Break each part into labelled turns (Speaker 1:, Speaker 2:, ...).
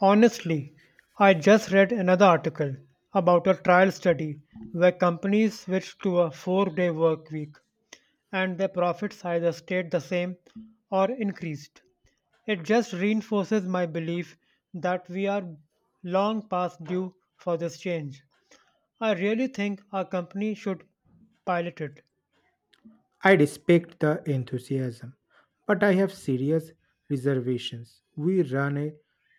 Speaker 1: Honestly, I just read another article about a trial study where companies switched to a 4 day work week and their profits either stayed the same or increased. It just reinforces my belief that we are long past due for this change. I really think our company should pilot it.
Speaker 2: I respect the enthusiasm, but I have serious reservations. We run a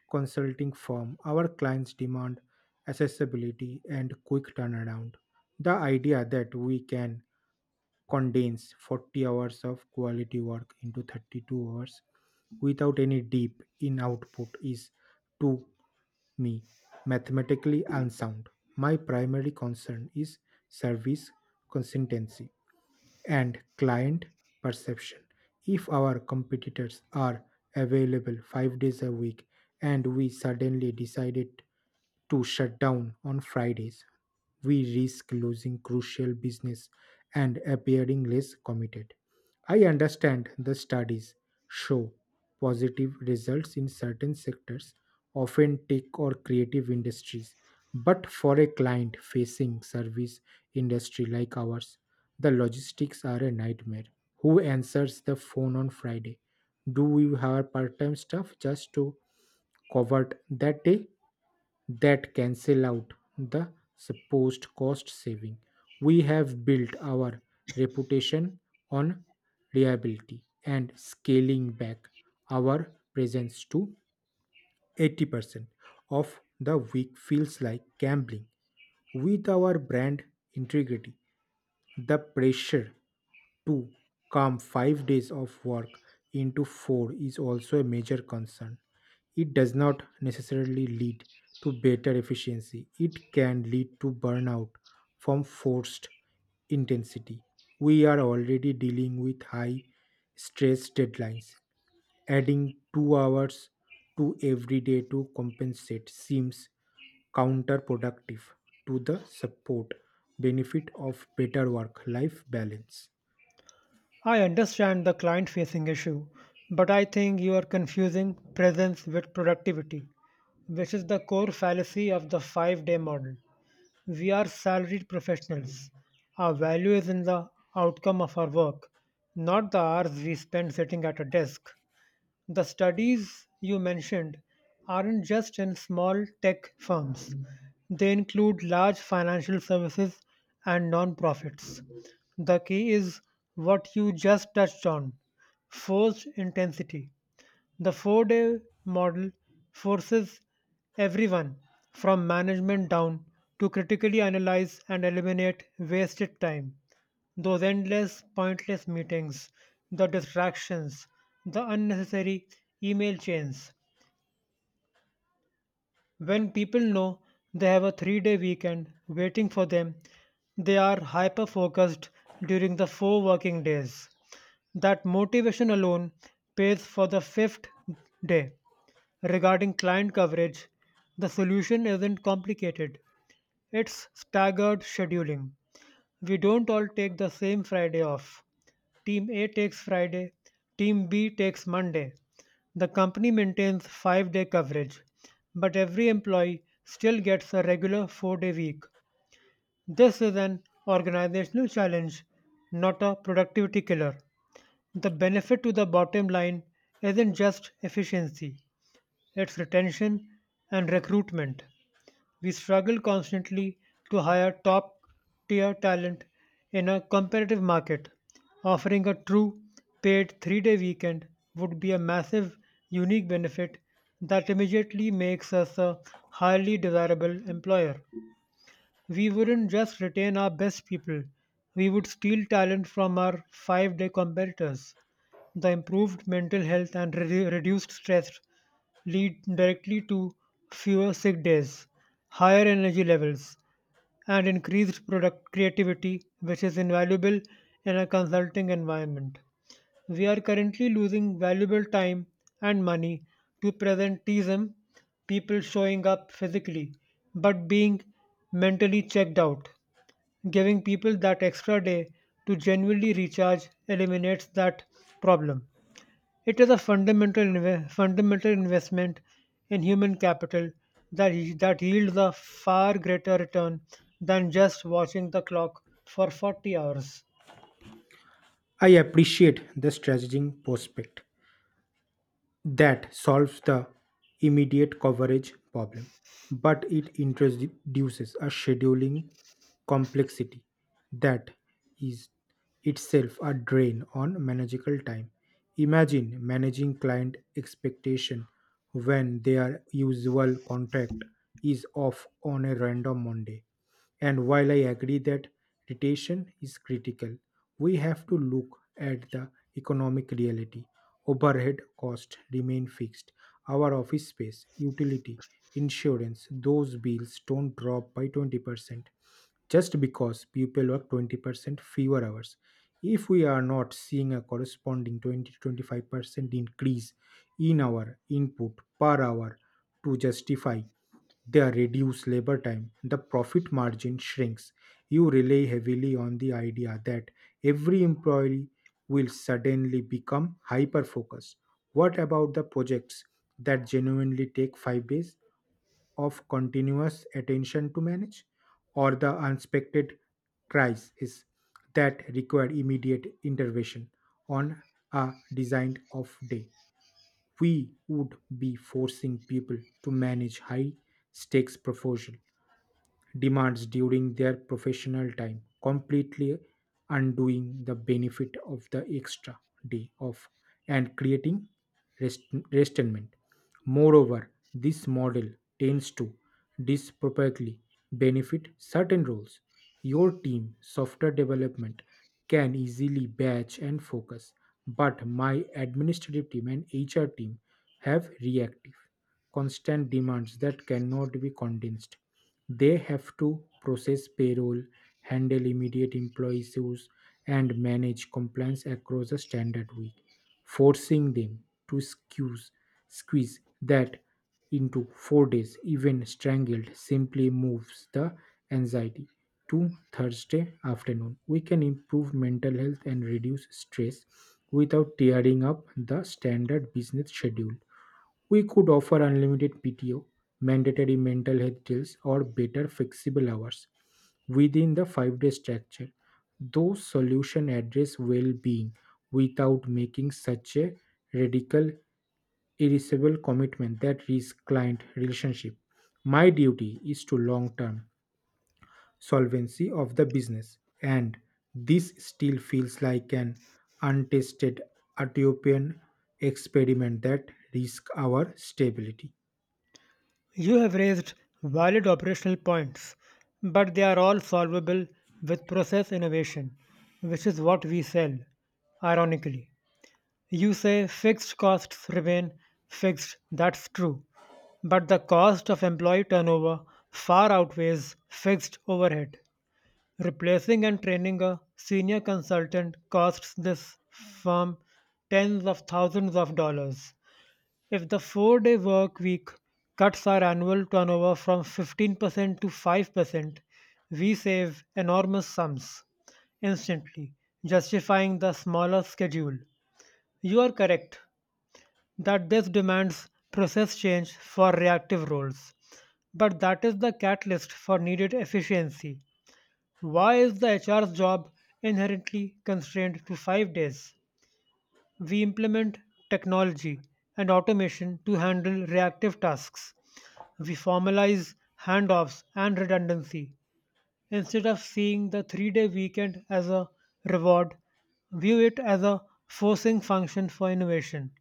Speaker 2: consulting firm. Our clients demand accessibility and quick turnaround. The idea that we can condense 40 hours of quality work into 32 hours without any dip in output is, to me, mathematically unsound. My primary concern is service consistency and client perception. If our competitors are available 5 days a week and we suddenly decided to shut down on Fridays, we risk losing crucial business and appearing less committed. I understand the studies show positive results in certain sectors, often tech or creative industries. But for a client facing service industry like ours, the logistics are a nightmare. Who answers the phone on Friday? Do we have part-time staff just to cover that day? That cancel out the supposed cost saving. We have built our reputation on reliability, and scaling back our presence to 80% of the week feels like gambling with our brand integrity. The pressure to cram 5 days of work into four is also a major concern. It does not necessarily lead to better efficiency, it can lead to burnout from forced intensity. We are already dealing with high stress deadlines. Adding 2 hours to every day to compensate seems counterproductive to the support benefit of better work life balance.
Speaker 1: I understand the client facing issue, but I think you are confusing presence with productivity, which is the core fallacy of the 5 day model. We are salaried professionals. Our value is in the outcome of our work, not the hours we spend sitting at a desk. The studies you mentioned aren't just in small tech firms, they include large financial services and nonprofits. The key is what you just touched on forced intensity. The 4 day model forces everyone, from management down, to critically analyze and eliminate wasted time. Those endless, pointless meetings, the distractions, the unnecessary email chains. When people know they have a 3 day weekend waiting for them, they are hyper focused during the four working days. That motivation alone pays for the fifth day. Regarding client coverage, the solution isn't complicated. It's staggered scheduling. We don't all take the same Friday off. Team A takes Friday, Team B takes Monday. The company maintains 5-day coverage, but every employee still gets a regular 4-day week. This is an organizational challenge, not a productivity killer. The benefit to the bottom line isn't just efficiency, its retention and recruitment. We struggle constantly to hire top tier talent in a competitive market. Offering a true paid 3 day weekend would be a massive, unique benefit that immediately makes us a highly desirable employer. We wouldn't just retain our best people, we would steal talent from our 5 day competitors. The improved mental health and reduced stress lead directly to fewer sick days, higher energy levels, and increased product creativity, which is invaluable in a consulting environment. We are currently losing valuable time and money to presenteeism, people showing up physically but being mentally checked out. Giving people that extra day to genuinely recharge eliminates that problem. It is a fundamental investment in human capital that yields a far greater return than just watching the clock for 40 hours.
Speaker 2: I appreciate the strategic prospect that solves the immediate coverage problem, but it introduces a scheduling complexity that is itself a drain on manageable time. Imagine managing client expectation when their usual contract is off on a random Monday. And while I agree that detention is critical, we have to look at the economic reality. Overhead costs remain fixed. Our office space, utility, insurance, those bills don't drop by 20% just because people work 20% fewer hours. If we are not seeing a corresponding 20 to 25% increase in our input per hour to justify they are reduce labor time, the profit margin shrinks. You rely heavily on the idea that every employee will suddenly become hyper focused. What about the projects that genuinely take 5 days of continuous attention to manage, or the unexpected crisis that require immediate intervention on a designed off day? We would be forcing people to manage high stakes proposal demands during their professional time, completely undoing the benefit of the extra day off and creating restment. Moreover, this model tends to disproportionately benefit certain roles. Your team software development can easily batch and focus, but my administrative team and HR team have reactive constant demands that cannot be condensed. They have to process payroll, handle immediate employee issues, and manage compliance across a standard week, forcing them to squeeze that into 4 days, even strangled, simply moves the anxiety to Thursday afternoon. We can improve mental health and reduce stress without tearing up the standard business schedule. We could offer unlimited PTO, mandatory mental health drills, or better flexible hours within the 5 day structure. Those solutions address well being without making such a radical, irreversible commitment that risks client relationship. My duty is to long term solvency of the business, and this still feels like an untested utopian experiment that risks our stability.
Speaker 1: You have raised valid operational points, but they are all solvable with process innovation, which is what we sell, ironically. You say fixed costs remain fixed, that's true, but the cost of employee turnover far outweighs fixed overhead. Replacing and training a senior consultant costs this firm tens of thousands of dollars. If the 4 day work week cuts our annual turnover from 15% to 5%, we save enormous sums instantly, justifying the smaller schedule. You are correct that this demands process change for reactive roles, but that is the catalyst for needed efficiency. Why is the HR's job inherently constrained to 5 days? We implement technology and automation to handle reactive tasks. We formalize handoffs and redundancy. Instead of seeing the 3 day weekend as a reward, view it as a forcing function for innovation.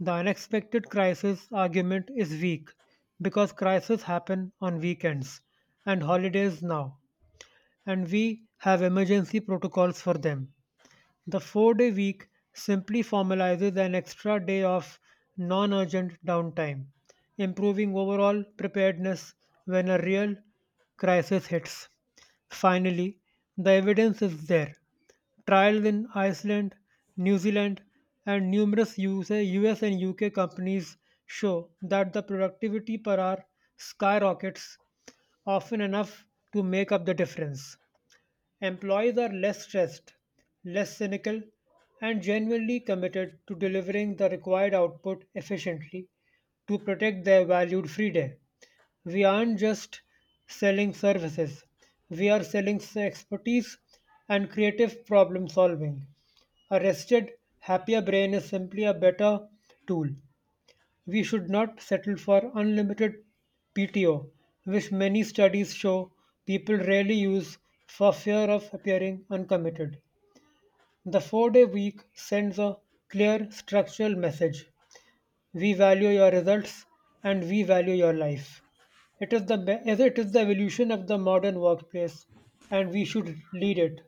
Speaker 1: The unexpected crisis argument is weak because crises happen on weekends and holidays now, and we have emergency protocols for them. The 4 day week simply formalizes an extra day of non urgent downtime, improving overall preparedness when a real crisis hits. Finally, the evidence is there. Trials in Iceland, New Zealand, and numerous USA, US and UK companies show that the productivity per hour skyrockets often enough to make up the difference. Employees are less stressed, less cynical, and genuinely committed to delivering the required output efficiently to protect their valued free day. We aren't just selling services, we are selling expertise and creative problem solving. A rested, happier brain is simply a better tool. We should not settle for unlimited PTO, which many studies show people rarely use for fear of appearing uncommitted. The 4 day week sends a clear structural message we value your results and we value your life. It is it is the evolution of the modern workplace, and we should lead it,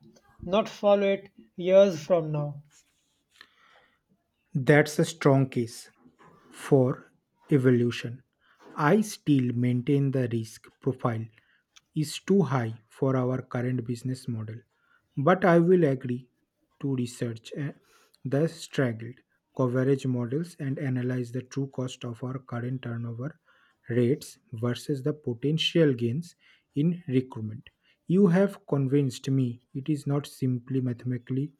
Speaker 1: not follow it years from now.
Speaker 2: That's a strong case. For evolution, I still maintain the risk profile is too high for our current business model, but I will agree to research the straggled coverage models and analyze the true cost of our current turnover rates versus the potential gains in recruitment. You have convinced me it is not simply mathematically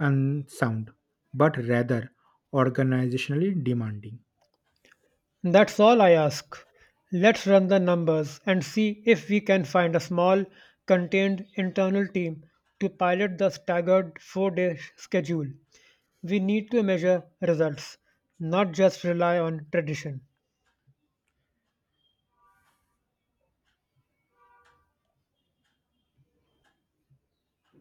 Speaker 2: unsound, but rather organizationally demanding.
Speaker 1: That's all I ask. Let's run the numbers and see if we can find a small, contained internal team to pilot the staggered 4 day schedule. We need to measure results, not just rely on tradition.